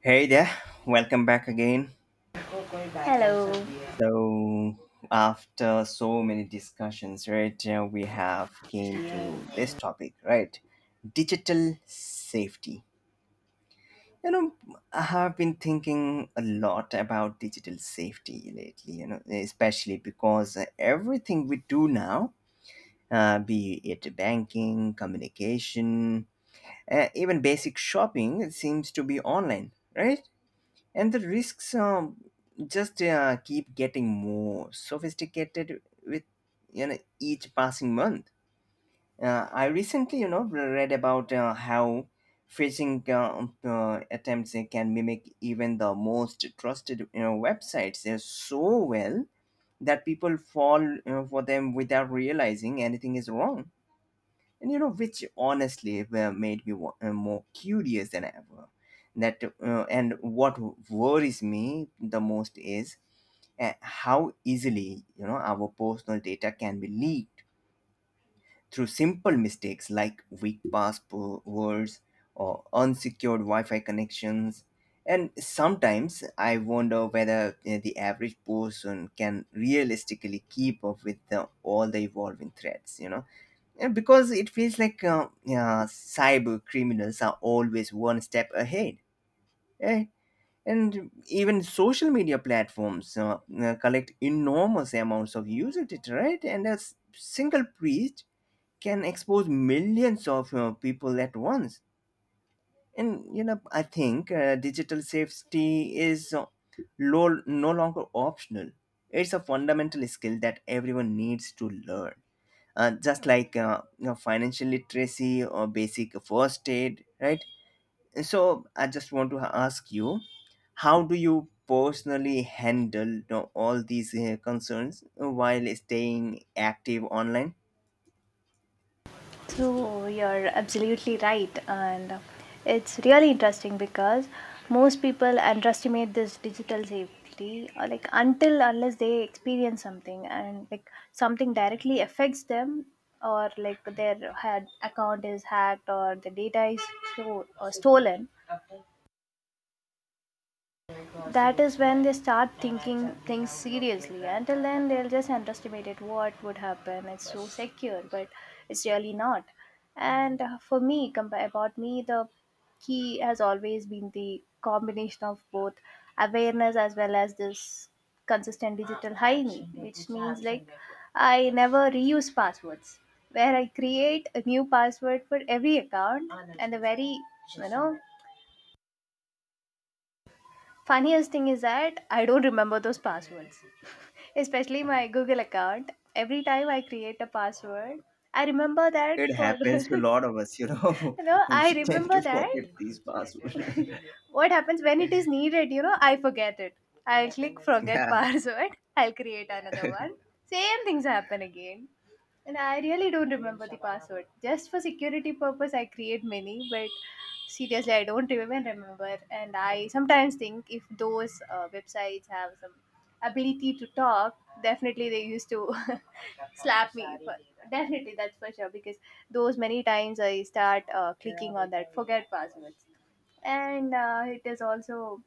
Hey there, welcome back again. So after so many discussions, we have came to this topic, right? Digital safety. You know, I have been thinking a lot about digital safety lately, especially because everything we do now, be it banking, communication, even basic shopping, it seems to be online, right? And the risks just keep getting more sophisticated with each passing month. I recently read about how phishing attempts can mimic even the most trusted websites so well that people fall, for them without realizing anything is wrong, and which honestly made me more curious than ever that and What worries me the most is how easily our personal data can be leaked through simple mistakes like weak passwords or unsecured wi-fi connections. And sometimes I wonder whether the average person can realistically keep up with all the evolving threats, you know. Yeah, because it feels like cyber criminals are always one step ahead. Eh? And even social media platforms collect enormous amounts of user data, right? And a single priest can expose millions of people at once. And, you know, I think digital safety is no longer optional. It's a fundamental skill that everyone needs to learn, just like, financial literacy or basic first aid, right? So I just want to ask you, how do you personally handle, all these concerns while staying active online? So you're absolutely right, and it's really interesting because most people underestimate this digital safety, like until unless they experience something and like something directly affects them, or like their had account is hacked or the data is sto- or stolen. That is when they start thinking things seriously. Until then, they'll just underestimate it. What would happen? It's so secure, but it's really not. And For me, about me, the key has always been the combination of both awareness as well as this consistent digital hygiene, which means like I never reuse passwords, where I create a new password for every account. And the very you know funniest thing is that I don't remember those passwords, especially my Google account. Every time I create a password, I remember that It for happens to a lot of us, you know. We I tend remember to that forget these passwords. what happens when it is needed, I forget it. I'll click forget Yeah. password, I'll create another one. Same things happen again, and I really don't remember the password. Just for security purpose I create many, but seriously I don't even remember. And I sometimes think, if those websites have some ability to talk, definitely they used to slap me for definitely. That's for sure because those many times I start clicking on that forget passwords. And it is also,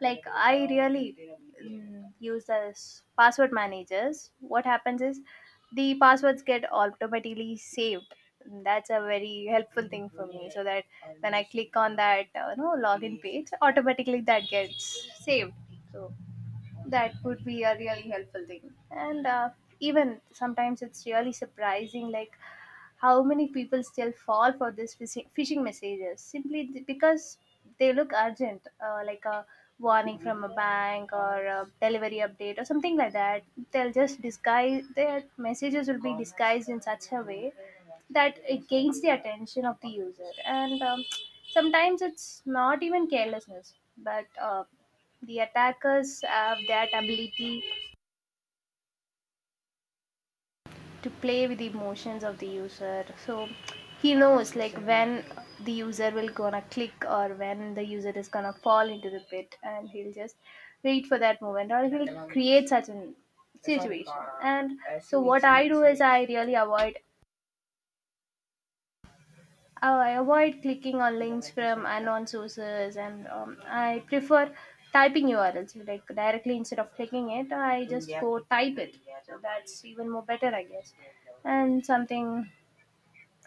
like, I really use as password managers. What happens is the passwords get automatically saved. That's a very helpful thing for me, so that when I click on that no login page, automatically that gets saved. So that would be a really helpful thing. And even sometimes it's really surprising, like how many people still fall for these phishing messages simply because they look urgent, like a warning from a bank or a delivery update or something like that. They'll just disguise their messages will be disguised in such a way that it gains the attention of the user. And sometimes it's not even carelessness, but the attackers have that ability to play with the emotions of the user. So he knows, like when the user will gonna click or when the user is gonna fall into the pit, and he'll just wait for that moment, or he'll create such a situation. And so what I do is I avoid clicking on links from unknown sources. And I prefer typing urls, like directly instead of clicking it, I just go type it. So that's even more better, I guess. And something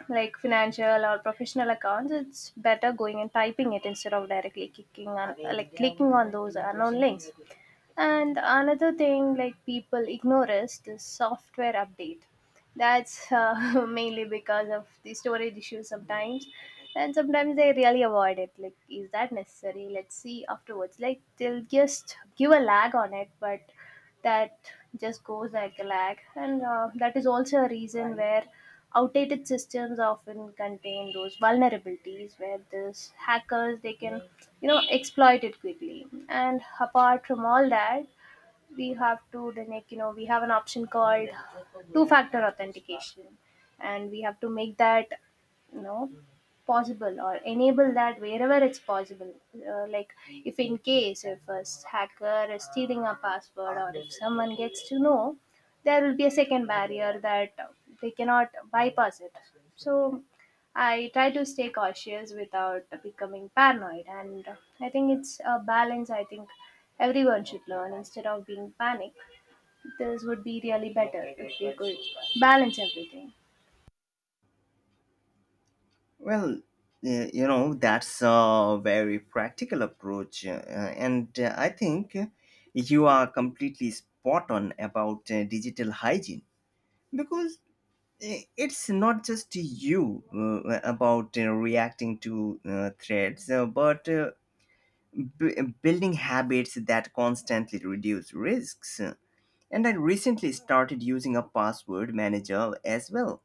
like financial or professional accounts, it's better going and typing it, instead of directly clicking on like clicking on those unknown links. And another thing like people ignore is the software update. That's mainly because of the storage issues sometimes, and sometimes they really avoid it. Like, is that necessary? Let's see afterwards. Like they'll just give a lag on it, but that just goes like a lag. And that is also a reason where outdated systems often contain those vulnerabilities where these hackers they can exploit it quickly. And apart from all that, we have to then, like we have an option called two factor authentication, and we have to make that you know possible, or enable that wherever it's possible. Like if in case if a hacker is stealing a password, or if someone gets to know, there will be a second barrier that they cannot bypass it. So I try to stay cautious without becoming paranoid. And I think it's a balance. I think everyone should learn, instead of being panicked, this would be really better if we could balance everything. Well, that's a very practical approach. And I think you are completely spot on about digital hygiene, because it's not just you about reacting to threats, building habits that constantly reduce risks. And I recently started using a password manager as well.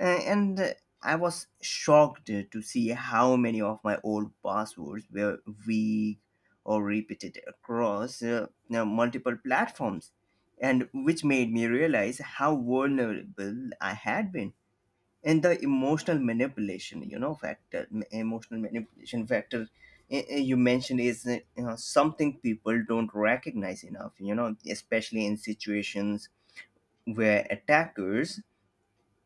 And I was shocked to see how many of my old passwords were weak or repeated across, now, multiple platforms, and which made me realize how vulnerable I had been. And the emotional manipulation factor you mentioned is, something people don't recognize enough, especially in situations where attackers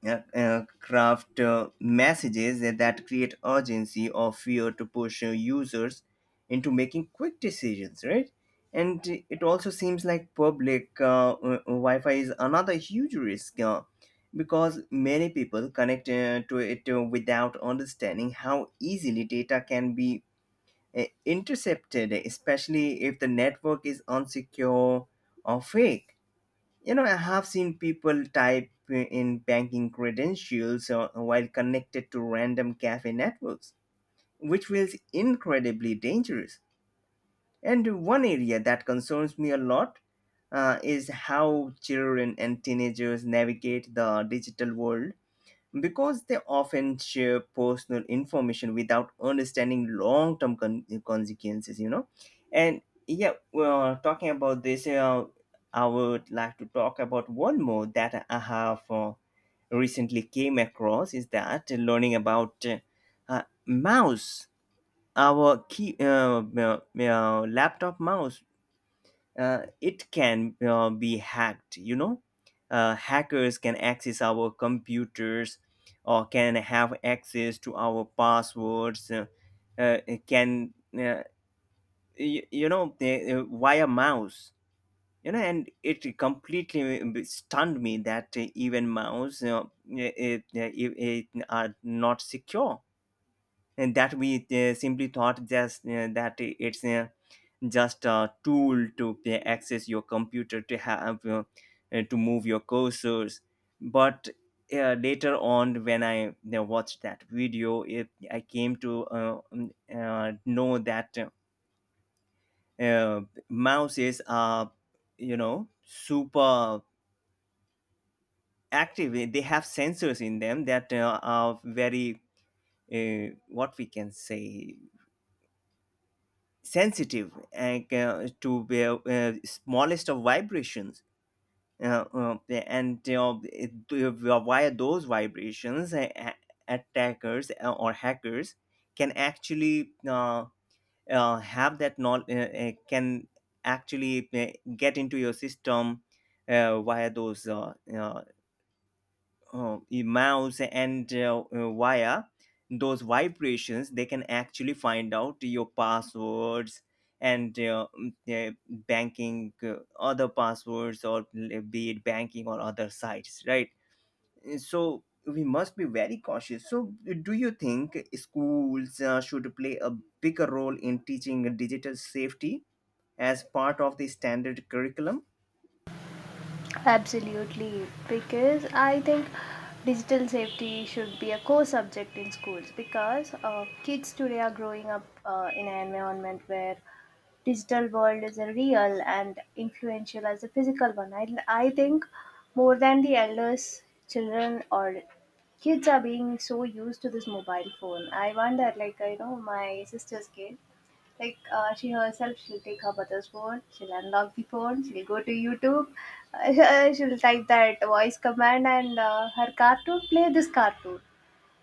craft messages that create urgency or fear to push users into making quick decisions, right? And it also seems like public Wi-Fi is another huge risk, because many people connect to it without understanding how easily data can be intercepted, especially if the network is unsecure or fake. You know, I have seen people type in banking credentials while connected to random cafe networks, which feels incredibly dangerous. And one area that concerns me a lot is how children and teenagers navigate the digital world, because they often share personal information without understanding consequences, you know. And yeah, well, talking about this, I would like to talk about one more that I have, recently came across, is that learning about mouse our key, laptop mouse, it can be hacked, you know. Hackers can access our computers or can have access to our passwords, uh, can, uh, via mouse, you know. And it completely stunned me that even mouse, it are not secure and that we simply thought just that it's just a tool to access your computer to have to move your cursors. But later on, when i, watched that video, I came to know that uh, mouses are, you know, super active. They have sensors in them that are very, what we can say sensitive, and to the smallest of vibrations, uh, uh, and uh, it- uh, via those vibrations, attackers or hackers can actually, have that knowledge, can actually get into your system via those, mouse, and via those vibrations, they can actually find out your passwords and, banking, other passwords, or, be it banking or other sites, right. So we must be very cautious. So do you think schools should play a bigger role in teaching digital safety as part of the standard curriculum? Absolutely, because I think digital safety should be a core subject in schools, because kids today are growing up in an environment where digital world is a real and influential as the physical one. I think more than the elders, children or kids are being so used to this mobile phone. I wonder, like, I know my sister's kid, like she herself, she'll take her mother's phone, she'll unlock the phone, she'll go to YouTube, she'll type that voice command, and her cartoon play this cartoon.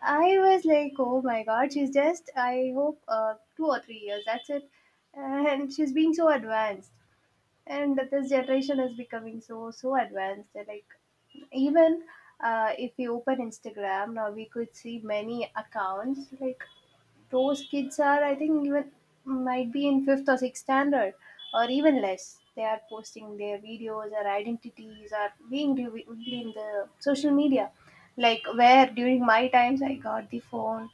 I was like, oh my god, she's just, I hope 2 or 3 years, that's it, and she's being so advanced. And this generation is becoming so so advanced that, like even if we open Instagram now we could see many accounts, like those kids are I think even might be in fifth or sixth standard, or even less, they are posting their videos, or identities are being revealed in the social media, like where during my times I got the phone.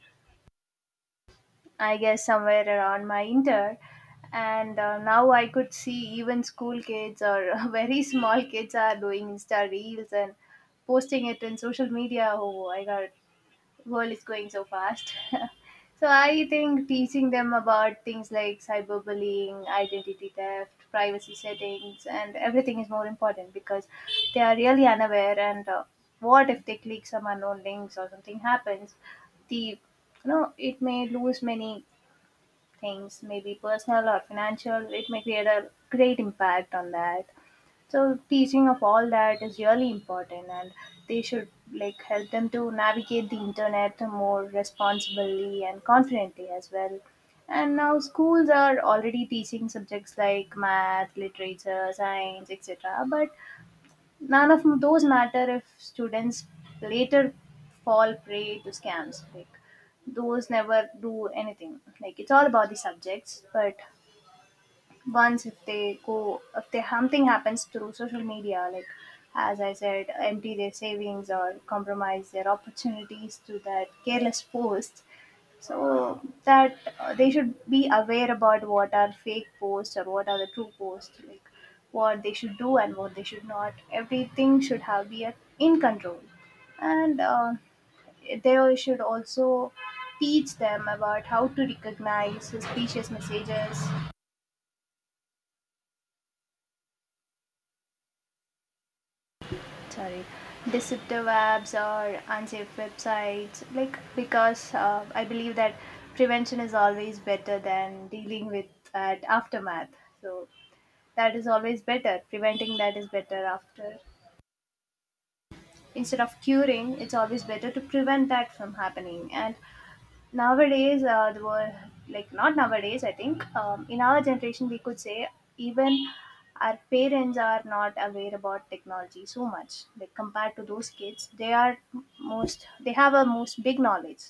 I guess somewhere around my inter. And now I could see even school kids or very small kids are doing Insta reels and posting it in social media. Oh my god, world is going so fast. So I think teaching them about things like cyberbullying, identity theft, privacy settings, and everything is more important, because they are really unaware. And what if they click some unknown links or something happens? The you know It may lose many things, maybe personal or financial, it may create a great impact on that. So teaching of all that is really important, and they should, like help them to navigate the internet more responsibly and confidently as well. And now schools are already teaching subjects like math, literature, science, etc. but none of those matter if students later fall prey to scams. Like those never do anything. Like it's all about the subjects. But once if they something happens through social media, like as I said, empty their savings or compromise their opportunities to that careless post. So that they should be aware about what are fake posts or what are the true posts, like what they should do and what they should not, everything should have be at, in control. And they should also teach them about how to recognize suspicious messages, sorry, deceptive apps or unsafe websites, like because I believe that prevention is always better than dealing with that aftermath. So that is always better, preventing that is better after, instead of curing it's always better to prevent that from happening. And nowadays the world, like not nowadays I think in our generation we could say, even our parents are not aware about technology so much, like compared to those kids they are most, they have a most big knowledge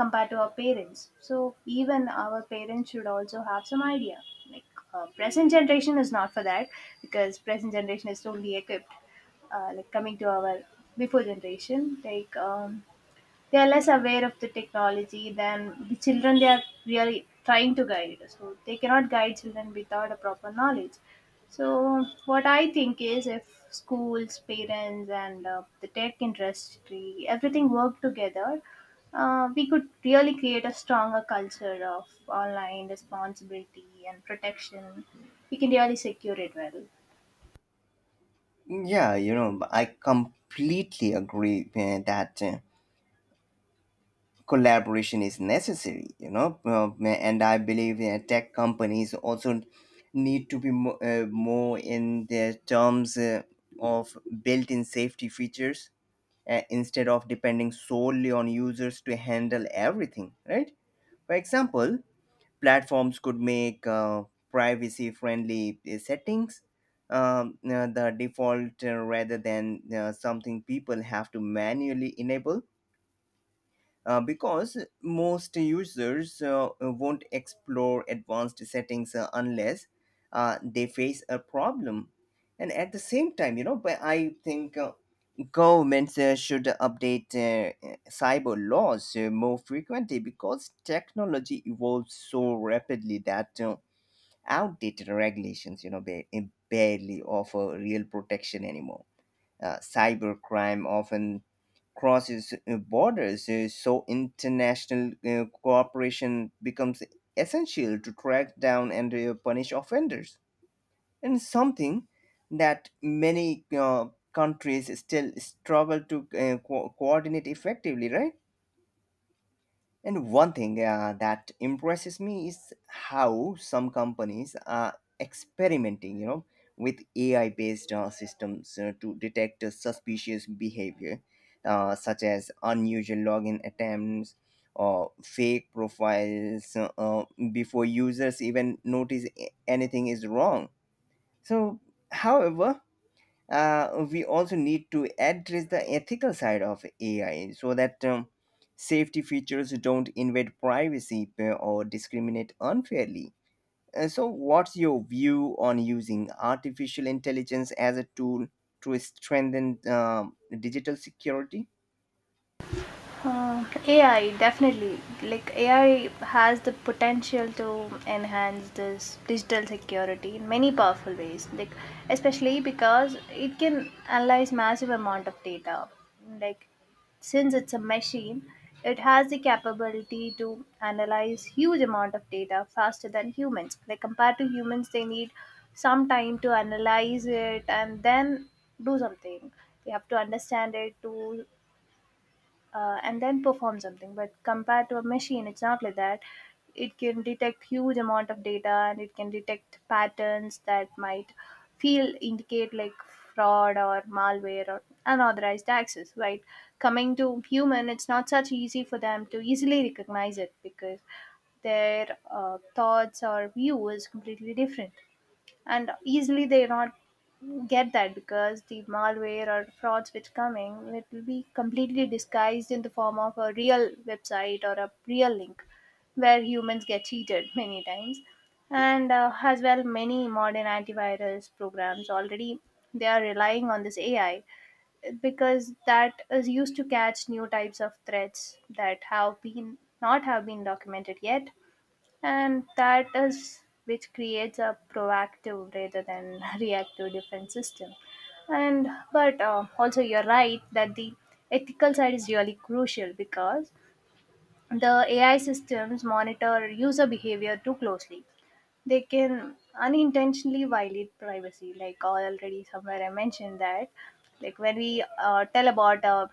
compared to our parents. So even our parents should also have some idea, like present generation is not for that, because present generation is totally equipped. Like coming to our before generation, like they are less aware of the technology than the children. They are really trying to guide, so they cannot guide children without a proper knowledge. So what I think is, if schools, parents, and the tech industry everything work together, we could really create a stronger culture of online responsibility and protection. We can really secure it well. Yeah, you know, I completely agree that, collaboration is necessary, you know. And I believe tech companies also need to be more in their terms of built-in safety features, instead of depending solely on users to handle everything, right? For example, platforms could make privacy friendly settings, the default, rather than something people have to manually enable, because most users won't explore advanced settings unless they face a problem. And at the same time, you know, but I think governments should update cyber laws more frequently, because technology evolves so rapidly that outdated regulations, you know, barely offer real protection anymore. Cybercrime often crosses borders, so international cooperation becomes essential to track down and punish offenders. And something that many countries still struggle to coordinate effectively, right? And one thing that impresses me is how some companies are experimenting, you know, with AI-based systems to detect suspicious behavior, such as unusual login attempts or fake profiles, before users even notice anything is wrong. So, however, we also need to address the ethical side of AI, so that safety features don't invade privacy or discriminate unfairly. So, what's your view on using artificial intelligence as a tool to strengthen digital security? AI definitely, like AI has the potential to enhance this digital security in many powerful ways, like especially because it can analyze massive amount of data, like since it's a machine it has the capability to analyze huge amount of data faster than humans. Like compared to humans, they need some time to analyze it and then do something, they have to understand it to and then perform something. But compared to a machine it's not like that. It can detect huge amount of data, and it can detect patterns that might feel indicate like fraud or malware or unauthorized access, right? Coming to human, it's not such easy for them to easily recognize it, because their thoughts or view is completely different, and easily they not get that, because the malware or frauds which coming, it will be completely disguised in the form of a real website or a real link, where humans get cheated many times. And as well many modern antivirus programs already they are relying on this AI, because that is used to catch new types of threats that have been not have been documented yet, and that is which creates a proactive rather than reactive defense system. And but also you're right that the ethical side is really crucial, because the AI systems monitor user behavior too closely. They can unintentionally violate privacy, like already somewhere I mentioned that. Like when we tell about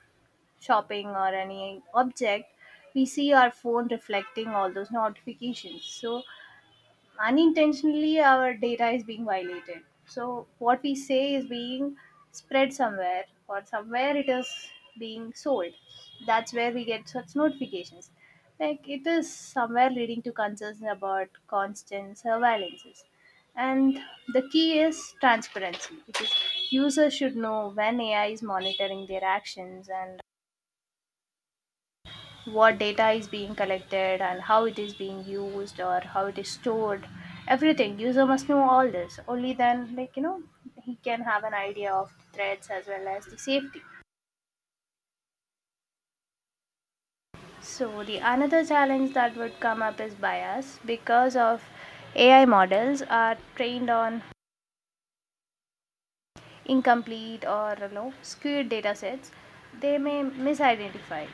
shopping or any object, we see our phone reflecting all those notifications. So unintentionally our data is being violated, so what we say is being spread somewhere or somewhere it is being sold. That's where we get such notifications, like it is somewhere leading to concerns about constant surveillances. And the key is transparency because users should know when AI is monitoring their actions and what data is being collected and how it is being used or how it is stored. Everything user must know all this, only then like you know he can have an idea of the threats as well as the safety. So the another challenge that would come up is bias because of AI models are trained on incomplete or you know skewed data sets. They may misidentify,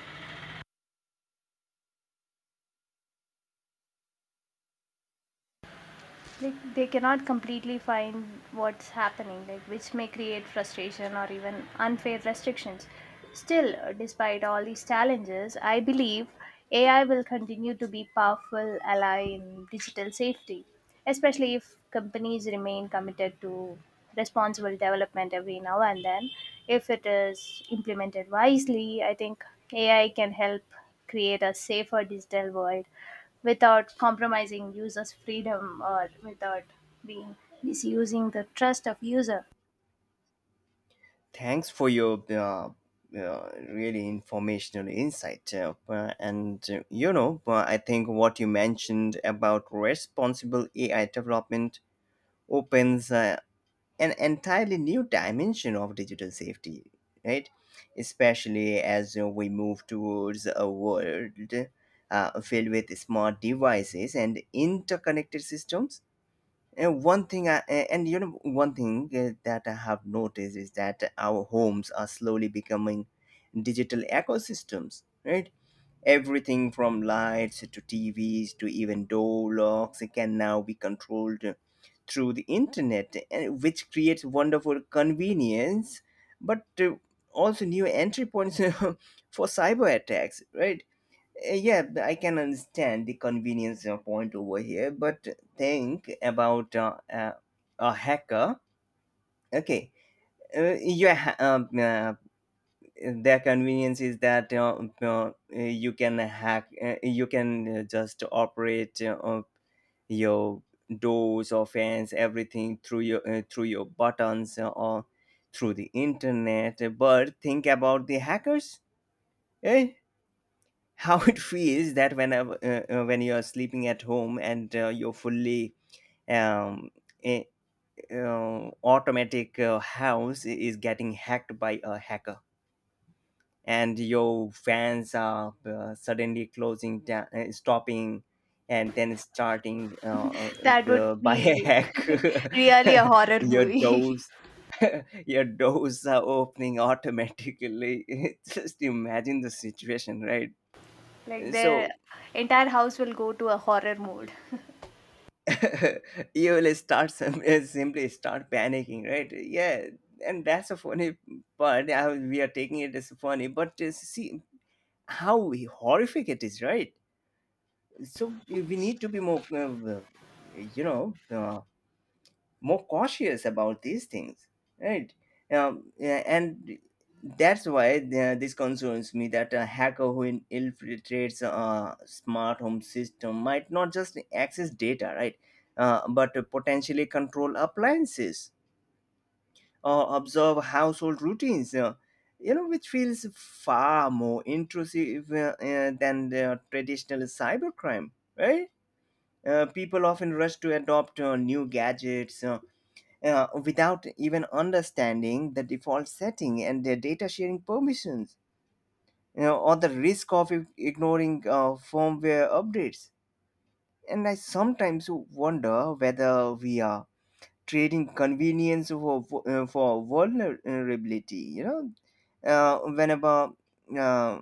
like they cannot completely find what's happening, like which may create frustration or even unfair restrictions. Still, despite all these challenges, I believe AI will continue to be powerful ally in digital safety, especially if companies remain committed to responsible development every now and then. If it is implemented wisely, I think AI can help create a safer digital world without compromising users' freedom or without being misusing the trust of user. Thanks for your, really informational insight. I think what you mentioned about responsible AI development opens an entirely new dimension of digital safety, right? Especially as we move towards a world filled with smart devices and interconnected systems. And one thing, I, a- and you know, one thing that I have noticed is that our homes are slowly becoming digital ecosystems, right? Everything from lights to TVs to even door locks can now be controlled through the internet, and which creates wonderful convenience, but also new entry points for cyber attacks, right? Yeah, I can understand the convenience point over here, but think about a hacker. Okay, uh, your ha- um, uh, their convenience is that you can hack, you can just operate your doors or fans, everything through your, through your buttons, or through the internet. But think about the hackers, eh? How it feels that whenever, when you are sleeping at home and your fully um, eh, automatic house is getting hacked by a hacker and your fans are suddenly closing down, stopping, and then starting That would by a be hack. really a horror Your movie. doors, your doors are opening automatically. Just imagine the situation, right? Like their So entire house will go to a horror mode. you will start simply start panicking, right? Yeah, and that's a funny part. We are taking it as funny, but see how horrific it is, right? So we need to be more, you know uh, more cautious about these things, right? Yeah, and that's why this concerns me, that a hacker who infiltrates a smart home system might not just access data, right, but potentially control appliances or observe household routines, you know, which feels far more intrusive than the traditional cybercrime, right? People often rush to adopt new gadgets, without even understanding the default setting and their data sharing permissions, you know, or the risk of ignoring firmware updates. And I sometimes wonder whether we are trading convenience for vulnerability, you know, uh, whenever. Uh,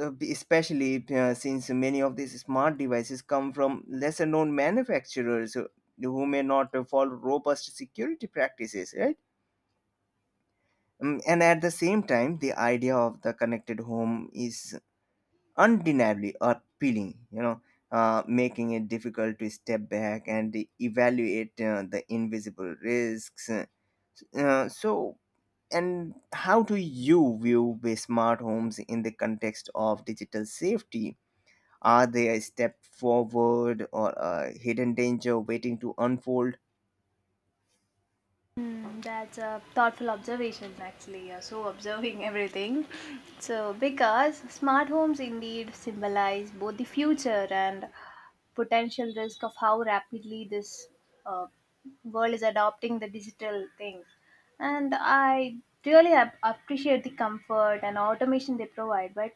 especially since many of these smart devices come from lesser known manufacturers who may not follow robust security practices, right? And at the same time, the idea of the connected home is undeniably appealing, you know, making it difficult to step back and evaluate the invisible risks. So, and how do you view the smart homes in the context of digital safety? Are they a step forward or a hidden danger waiting to unfold? Mm, that's a thoughtful observation, actually. You're so observing everything. So, because smart homes indeed symbolize both the future and potential risk of how rapidly this uh, world is adopting the digital things. And I really appreciate the comfort and automation they provide, but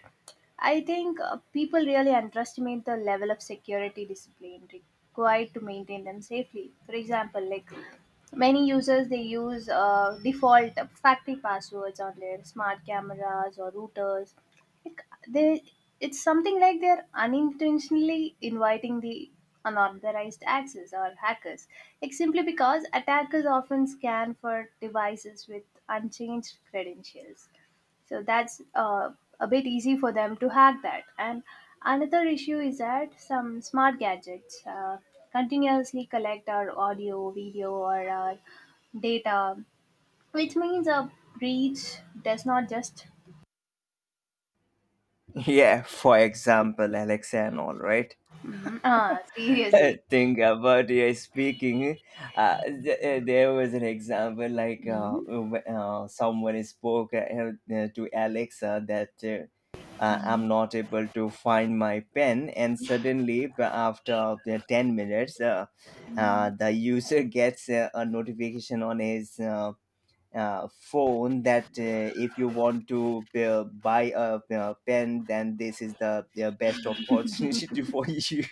I think people really underestimate the level of security discipline required to maintain them safely. For example, like many users they use default factory passwords on their smart cameras or routers, like they, it's something like they're unintentionally inviting the unauthorized access or hackers, like simply because attackers often scan for devices with unchanged credentials. So that's a bit easy for them to hack that. And another issue is that some smart gadgets continuously collect our audio video or our data, which means a breach does not just Yeah, for example, Alex and all right. Seriously… Think about your speaking. There was an example like someone spoke to Alexa that I'm not able to find my pen, and suddenly, after the 10 minutes, the user gets a notification on his phone that if you want to buy a pen, then this is the best opportunity for you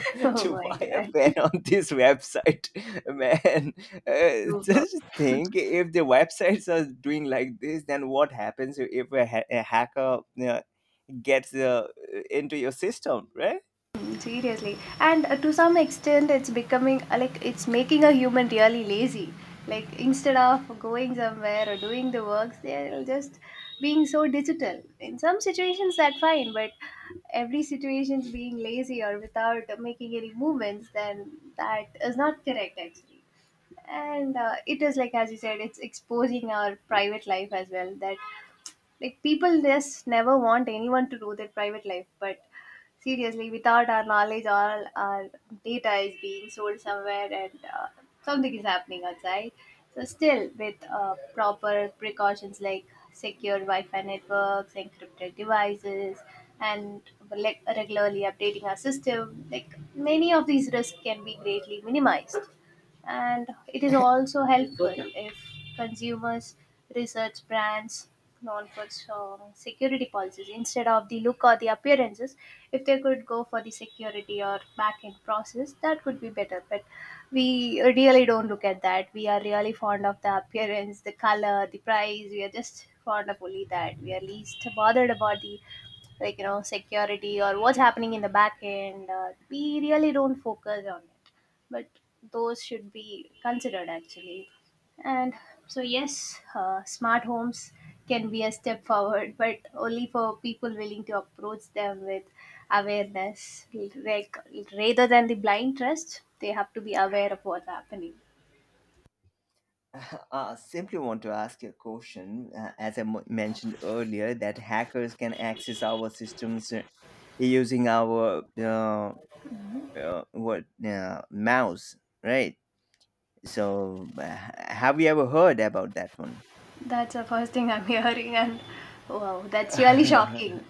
Oh to my buy a god, pen on this website. Man, super. just think, if the websites are doing like this, then what happens if a hacker uh, gets into your system, right? Mm, seriously. And to some extent, it's becoming like it's making a human really lazy. Like instead of going somewhere or doing the works, they're just being so digital. In some situations, that's fine, but every situation's being lazy or without making any movements, then that is not correct actually. And it is like as you said, it's exposing our private life as well, that like people just never want anyone to know their private life, but seriously without our knowledge all our data is being sold somewhere and something is happening outside. So still with proper precautions, like secure wi-fi networks, encrypted devices, and like regularly updating our system, like many of these risks can be greatly minimized. And it is also helpful if consumers research brands known for strong security policies instead of the look or the appearances. If they could go for the security or back end process, that would be better, but we really don't look at that. We are really fond of the appearance, the color, the price. We are just fond of only that. We are least bothered about the, like you know, security or what's happening in the back end. We really don't focus on it, but those should be considered actually. And so, yes, smart homes can be a step forward, but only for people willing to approach them with awareness. Like, rather than the blind trust, they have to be aware of what's happening. Simply want to ask you a question. As I mentioned earlier, that hackers can access our systems using our what, mouse, right? So, have you ever heard about that one? That's the first thing I'm hearing, and wow, that's really shocking.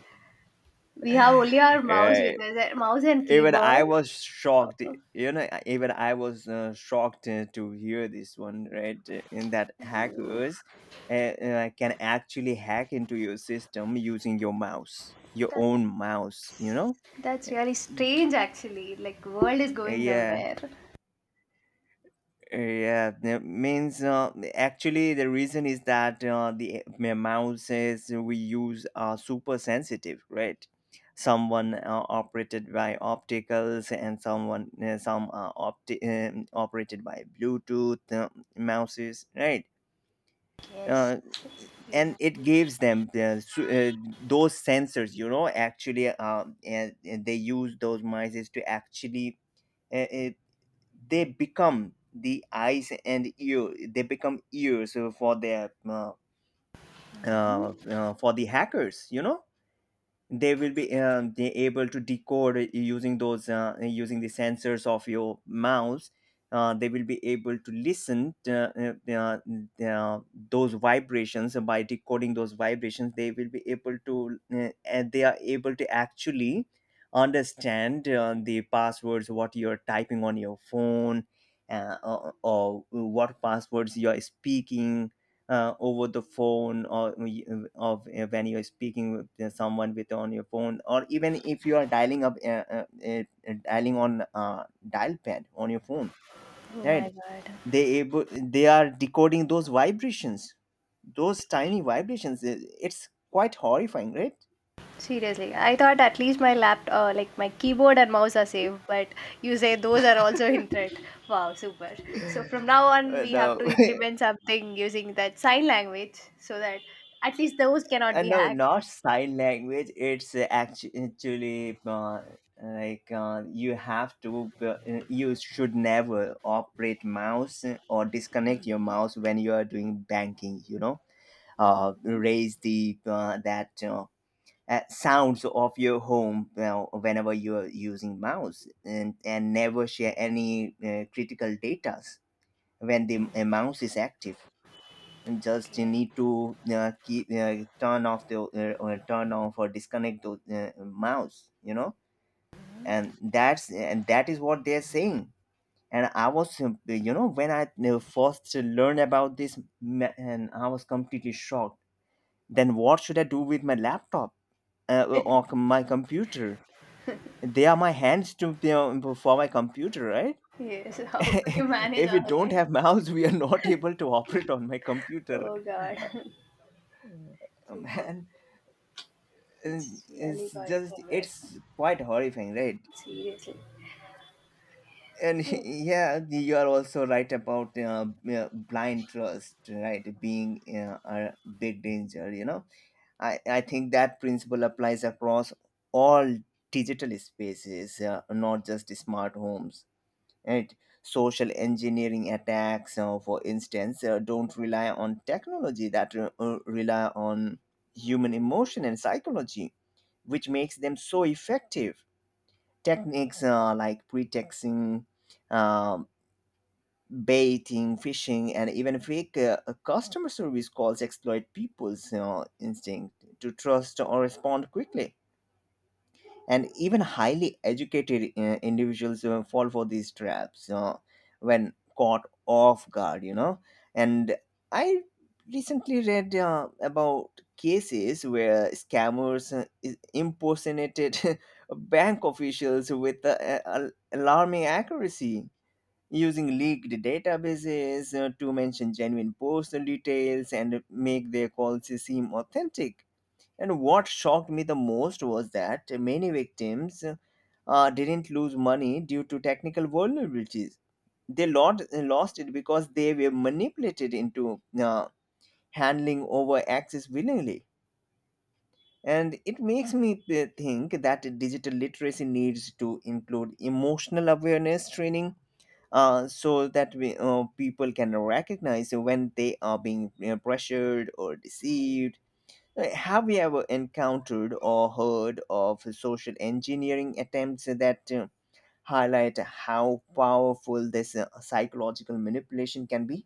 We have only our mouse with Right, us, mouse and even I keyboard. was shocked. Uh, You know, even I was shocked to hear this one, right? In that hackers can actually hack into your system using your mouse, your That, own mouse, you know. that's really strange, actually. Like, world is Uh, going yeah somewhere. Yeah, that means actually the reason is that mouses we use are super sensitive, right? Someone operated by opticals and someone operated by Bluetooth mouses, right? Yes. Uh, and it gives them the, those sensors, you know, actually, and they use those mice to actually uh, uh, they become the eyes and ear, they become ears for the hackers, you know. They will be they able to decode using those using the sensors of your mouth. They will be able to listen to, those vibrations. By decoding those vibrations, they will be able to, and they are able to actually understand the passwords what you're typing on your phone, or what passwords you're speaking over the phone, or of when you're speaking with someone with on your phone, or even if you are dialing up, uh, uh, dialing on dial pad on your phone, Oh my right? god. They able, they are decoding those vibrations, those tiny vibrations. It's quite horrifying, right? Seriously, I thought at least my laptop, like my keyboard and mouse are safe, but you say those are also in threat. Wow, super. So from now on, we have no. to implement something using that sign language so that at least those cannot be No, hacked. not sign language. It's actually, you have to, you should never operate mouse or disconnect your mouse when you are doing banking, you know. Mhm. Raise the that sounds of your home whenever you are using mouse, and never share any critical data when the mouse is active. And just you Okay. need to keep turn off the turn off or disconnect the mouse, you know. And that's, and that is what they're saying. And I was, you know, when I first learned about this, and I was completely shocked. Then what should I do with my laptop, or my computer? They are my hands to you know, for my computer, right? Yes, how could you manage If all we don't that? have mouse, we are not able to operate on my computer. Oh god, super. Man, uh, It's really it's going just, somewhere. it's quite horrifying, right? Seriously. And So, yeah, you are also right about blind trust, right, being a big danger, you know. I think that principle applies across all digital spaces, not just smart homes, right? Social engineering attacks, for instance, don't rely on technology, that rely on human emotion and psychology, which makes them so effective. Techniques like pretexting, um, baiting, phishing, and even fake customer service calls exploit people's, you know, instinct to trust or respond quickly. And even highly educated individuals fall for these traps when caught off guard, you know. And I recently read about cases where scammers impersonated bank officials with alarming accuracy, using leaked databases to mention genuine personal details and make their calls seem authentic. And what shocked me the most was that many victims didn't lose money due to technical vulnerabilities. They lost it because they were manipulated into handling over access willingly. And it makes me think that digital literacy needs to include emotional awareness training, so that people can recognize when they are being you pressured or deceived. Right, have you ever encountered or heard of social engineering attempts that highlight how powerful this psychological manipulation can be?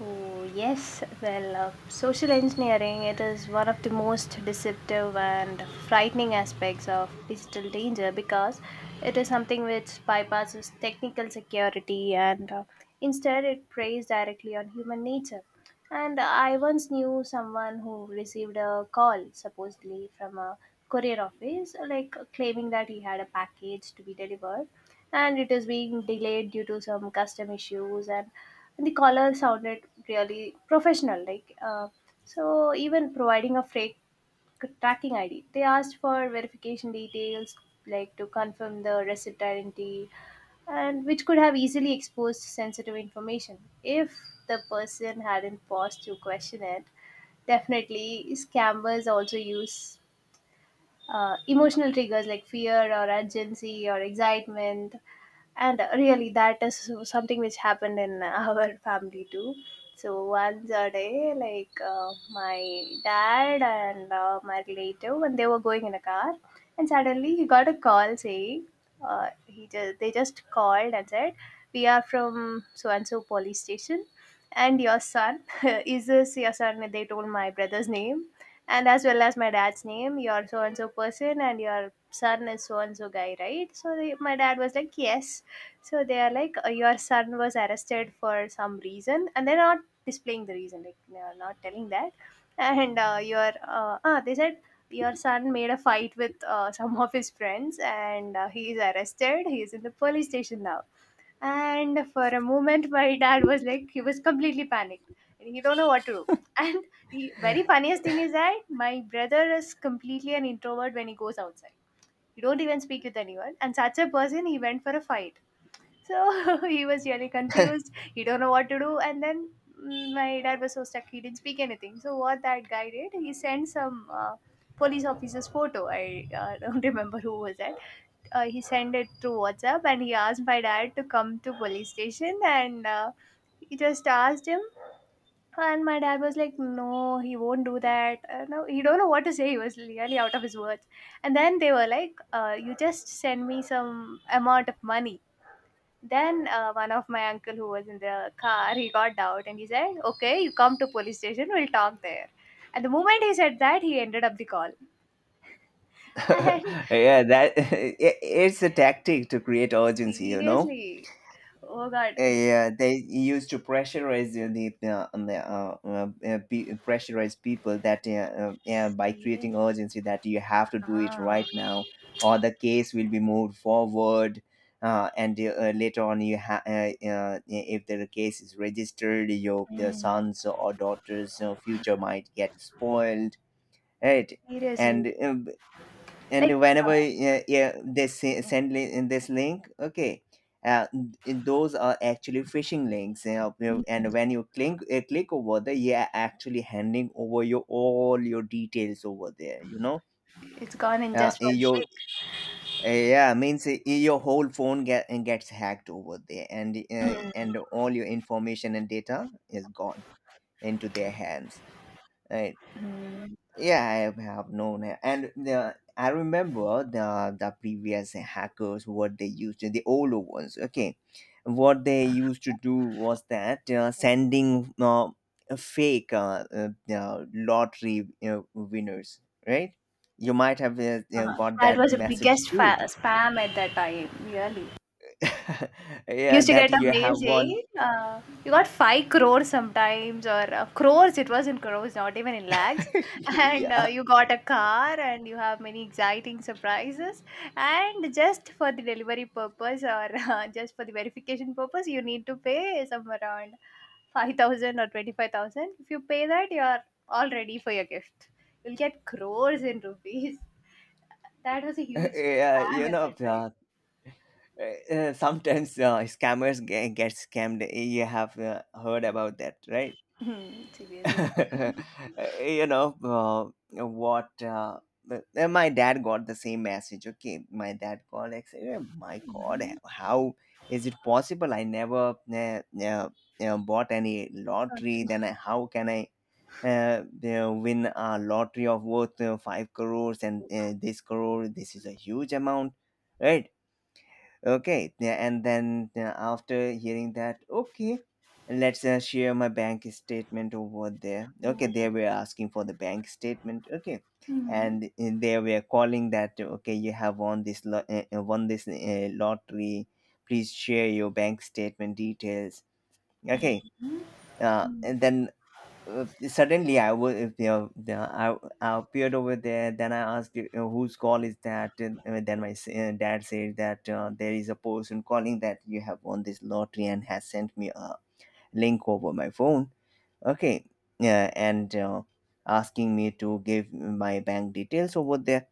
oh, yes. Well, social engineering, it is one of the most deceptive and frightening aspects of digital danger because it is something which bypasses technical security, and instead it preys directly on human nature. And I once knew someone who received a call, supposedly from a courier office, like claiming that he had a package to be delivered and it is being delayed due to some custom issues. And the caller sounded really professional, like so even providing a freight tracking id, they asked for verification details like to confirm the receipt identity, and which could have easily exposed sensitive information if the person hadn't paused to question it. Definitely scammers also use emotional triggers like fear or urgency or excitement. And really that is something which happened in our family too. So once a day, like my dad and my relative when they were going in a car, and suddenly he got a call saying, he just, they just called and said, we are from so and so police station and your son is this your son. They told my brother's name and as well as my dad's name, your so and so person and your son is so and so guy, right? So they, my dad was like yes. So they are like, your son was arrested for some reason, and they're not displaying the reason. Like they are not telling that. And your they said your son made a fight with some of his friends, and he is arrested. He is in the police station now. And for a moment, my dad was like, he was completely panicked, and he don't know what to do. And the very funniest thing is that my brother is completely an introvert when he goes outside. He don't even speak with anyone, and such a person, he went for a fight. So he was really confused. He don't know what to do. And then mm, my dad was so stuck. He didn't speak anything. So what that guy did, he sent some police officer's photo. I don't remember who was that. He sent it through WhatsApp and he asked my dad to come to police station, and he just asked him. And my dad was like no, he won't do that, no he don't know what to say, he was really out of his words. And then they were like, you just send me some amount of money. Then one of my uncle who was in the car, he got out and he said, "Okay, you come to police station. We'll talk there." And the moment he said that, he ended up the call. And Yeah, that, it's a tactic to create urgency, you know. seriously, oh god, Yeah, they used to pressurize pressurize people that, yeah, by serious, creating urgency that you have to do it ah, right now, or the case will be moved forward, and later on if the case is registered, your sons or daughters' future might get spoiled, right? seriously, And um, like and uh, whenever, yeah, they send in this link, okay, uh, those are actually phishing links, you know, and when you click, click over there, yeah, actually handing over your all your details over there, you know. it's gone in just Eh, one your click. Yeah, means your whole phone gets hacked over there, Mm. and all your information and data is gone into their hands, right? Yeah, I have known it, and the I remember the previous hackers what they used to, the older ones. Okay, what they used to do was that sending a fake lottery you winners, right? You might have you Uh-huh. got That that was the message biggest too. Spam at that time, really. You Yeah, Used to that get a you mail have won. saying, "You got 5 crores sometimes," or crores, it was in crores, not even in lakhs. And Yeah, you got a car, and you have many exciting surprises. And just for the delivery purpose, or just for the verification purpose, you need to pay somewhere around 5,000 or 25,000. If you pay that, you are all ready for your gift. You'll get crores in rupees. That was a huge yeah, you spam at know, that time. Uh, sometimes scammers get scammed. You have heard about that, right? Seriously. You know what? My dad got the same message. Okay, my dad called. I said, "Oh my God, how is it possible? I never bought any lottery. Then I, how can I?" Win a lottery of worth 5 crores, and this crore, this is a huge amount, right? Okay, yeah, and then yeah, after hearing that, okay, let's share my bank statement over there. Okay, they were asking for the bank statement. Okay, and they were calling that, okay, you have won won this lottery. Please share your bank statement details. Okay, and then suddenly I was, if they are, I appeared over there. Then I asked, you whose call is that? And then my dad said that there is a person calling that you have won this lottery and has sent me a link over my phone. Okay, yeah, and asking me to give my bank details over there.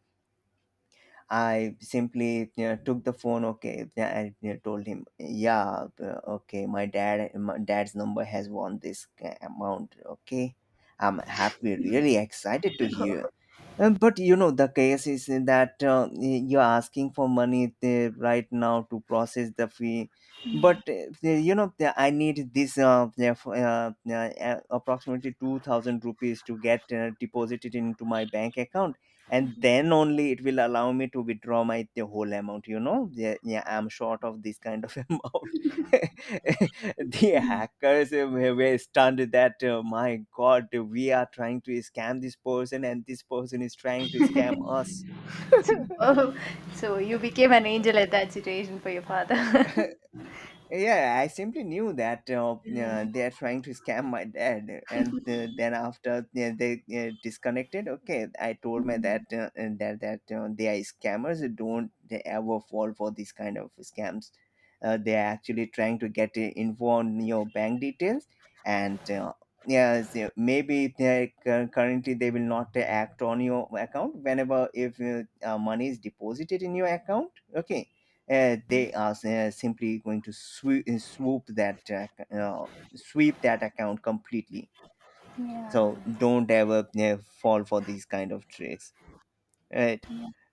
I simply, you know, took the phone. Okay, yeah, and you know, told him, yeah, okay, my dad's number has won this amount. Okay, I'm happy, really excited to hear, but you know, the case is that, you're asking for money right now to process the fee, but you know, I need this, yeah, for, approximately 2,000 rupees to get deposited into my bank account, and then only it will allow me to withdraw my the whole amount, you know. Yeah, yeah, I'm short of this kind of amount. The hackers were stunned that my god, we are trying to scam this person, and this person is trying to scam us. Super. So you became an angel at that situation for your father. Yeah, I simply knew that Mm. they're trying to scam my dad, and then after they disconnected, okay, I told my dad and that that they are scammers. Don't they ever fall for these kind of scams. They are actually trying to get info on your bank details, and yeah, so maybe they currently they will not act on your account whenever, if money is deposited in your account. Okay, they are simply going to swoop that, sweep that account completely. So don't ever fall for these kind of tricks, right?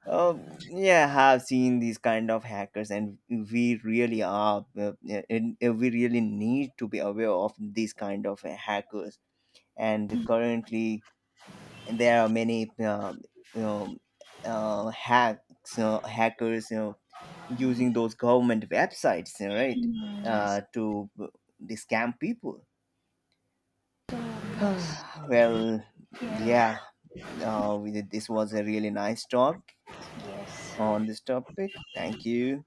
Yeah, have seen these kind of hackers, and we really are we really need to be aware of these kind of hackers. And currently, there are many you know hacks hackers, you know, using those government websites, you know, right, to they scam people. Well, yeah, this was a really nice talk on this topic. Thank you.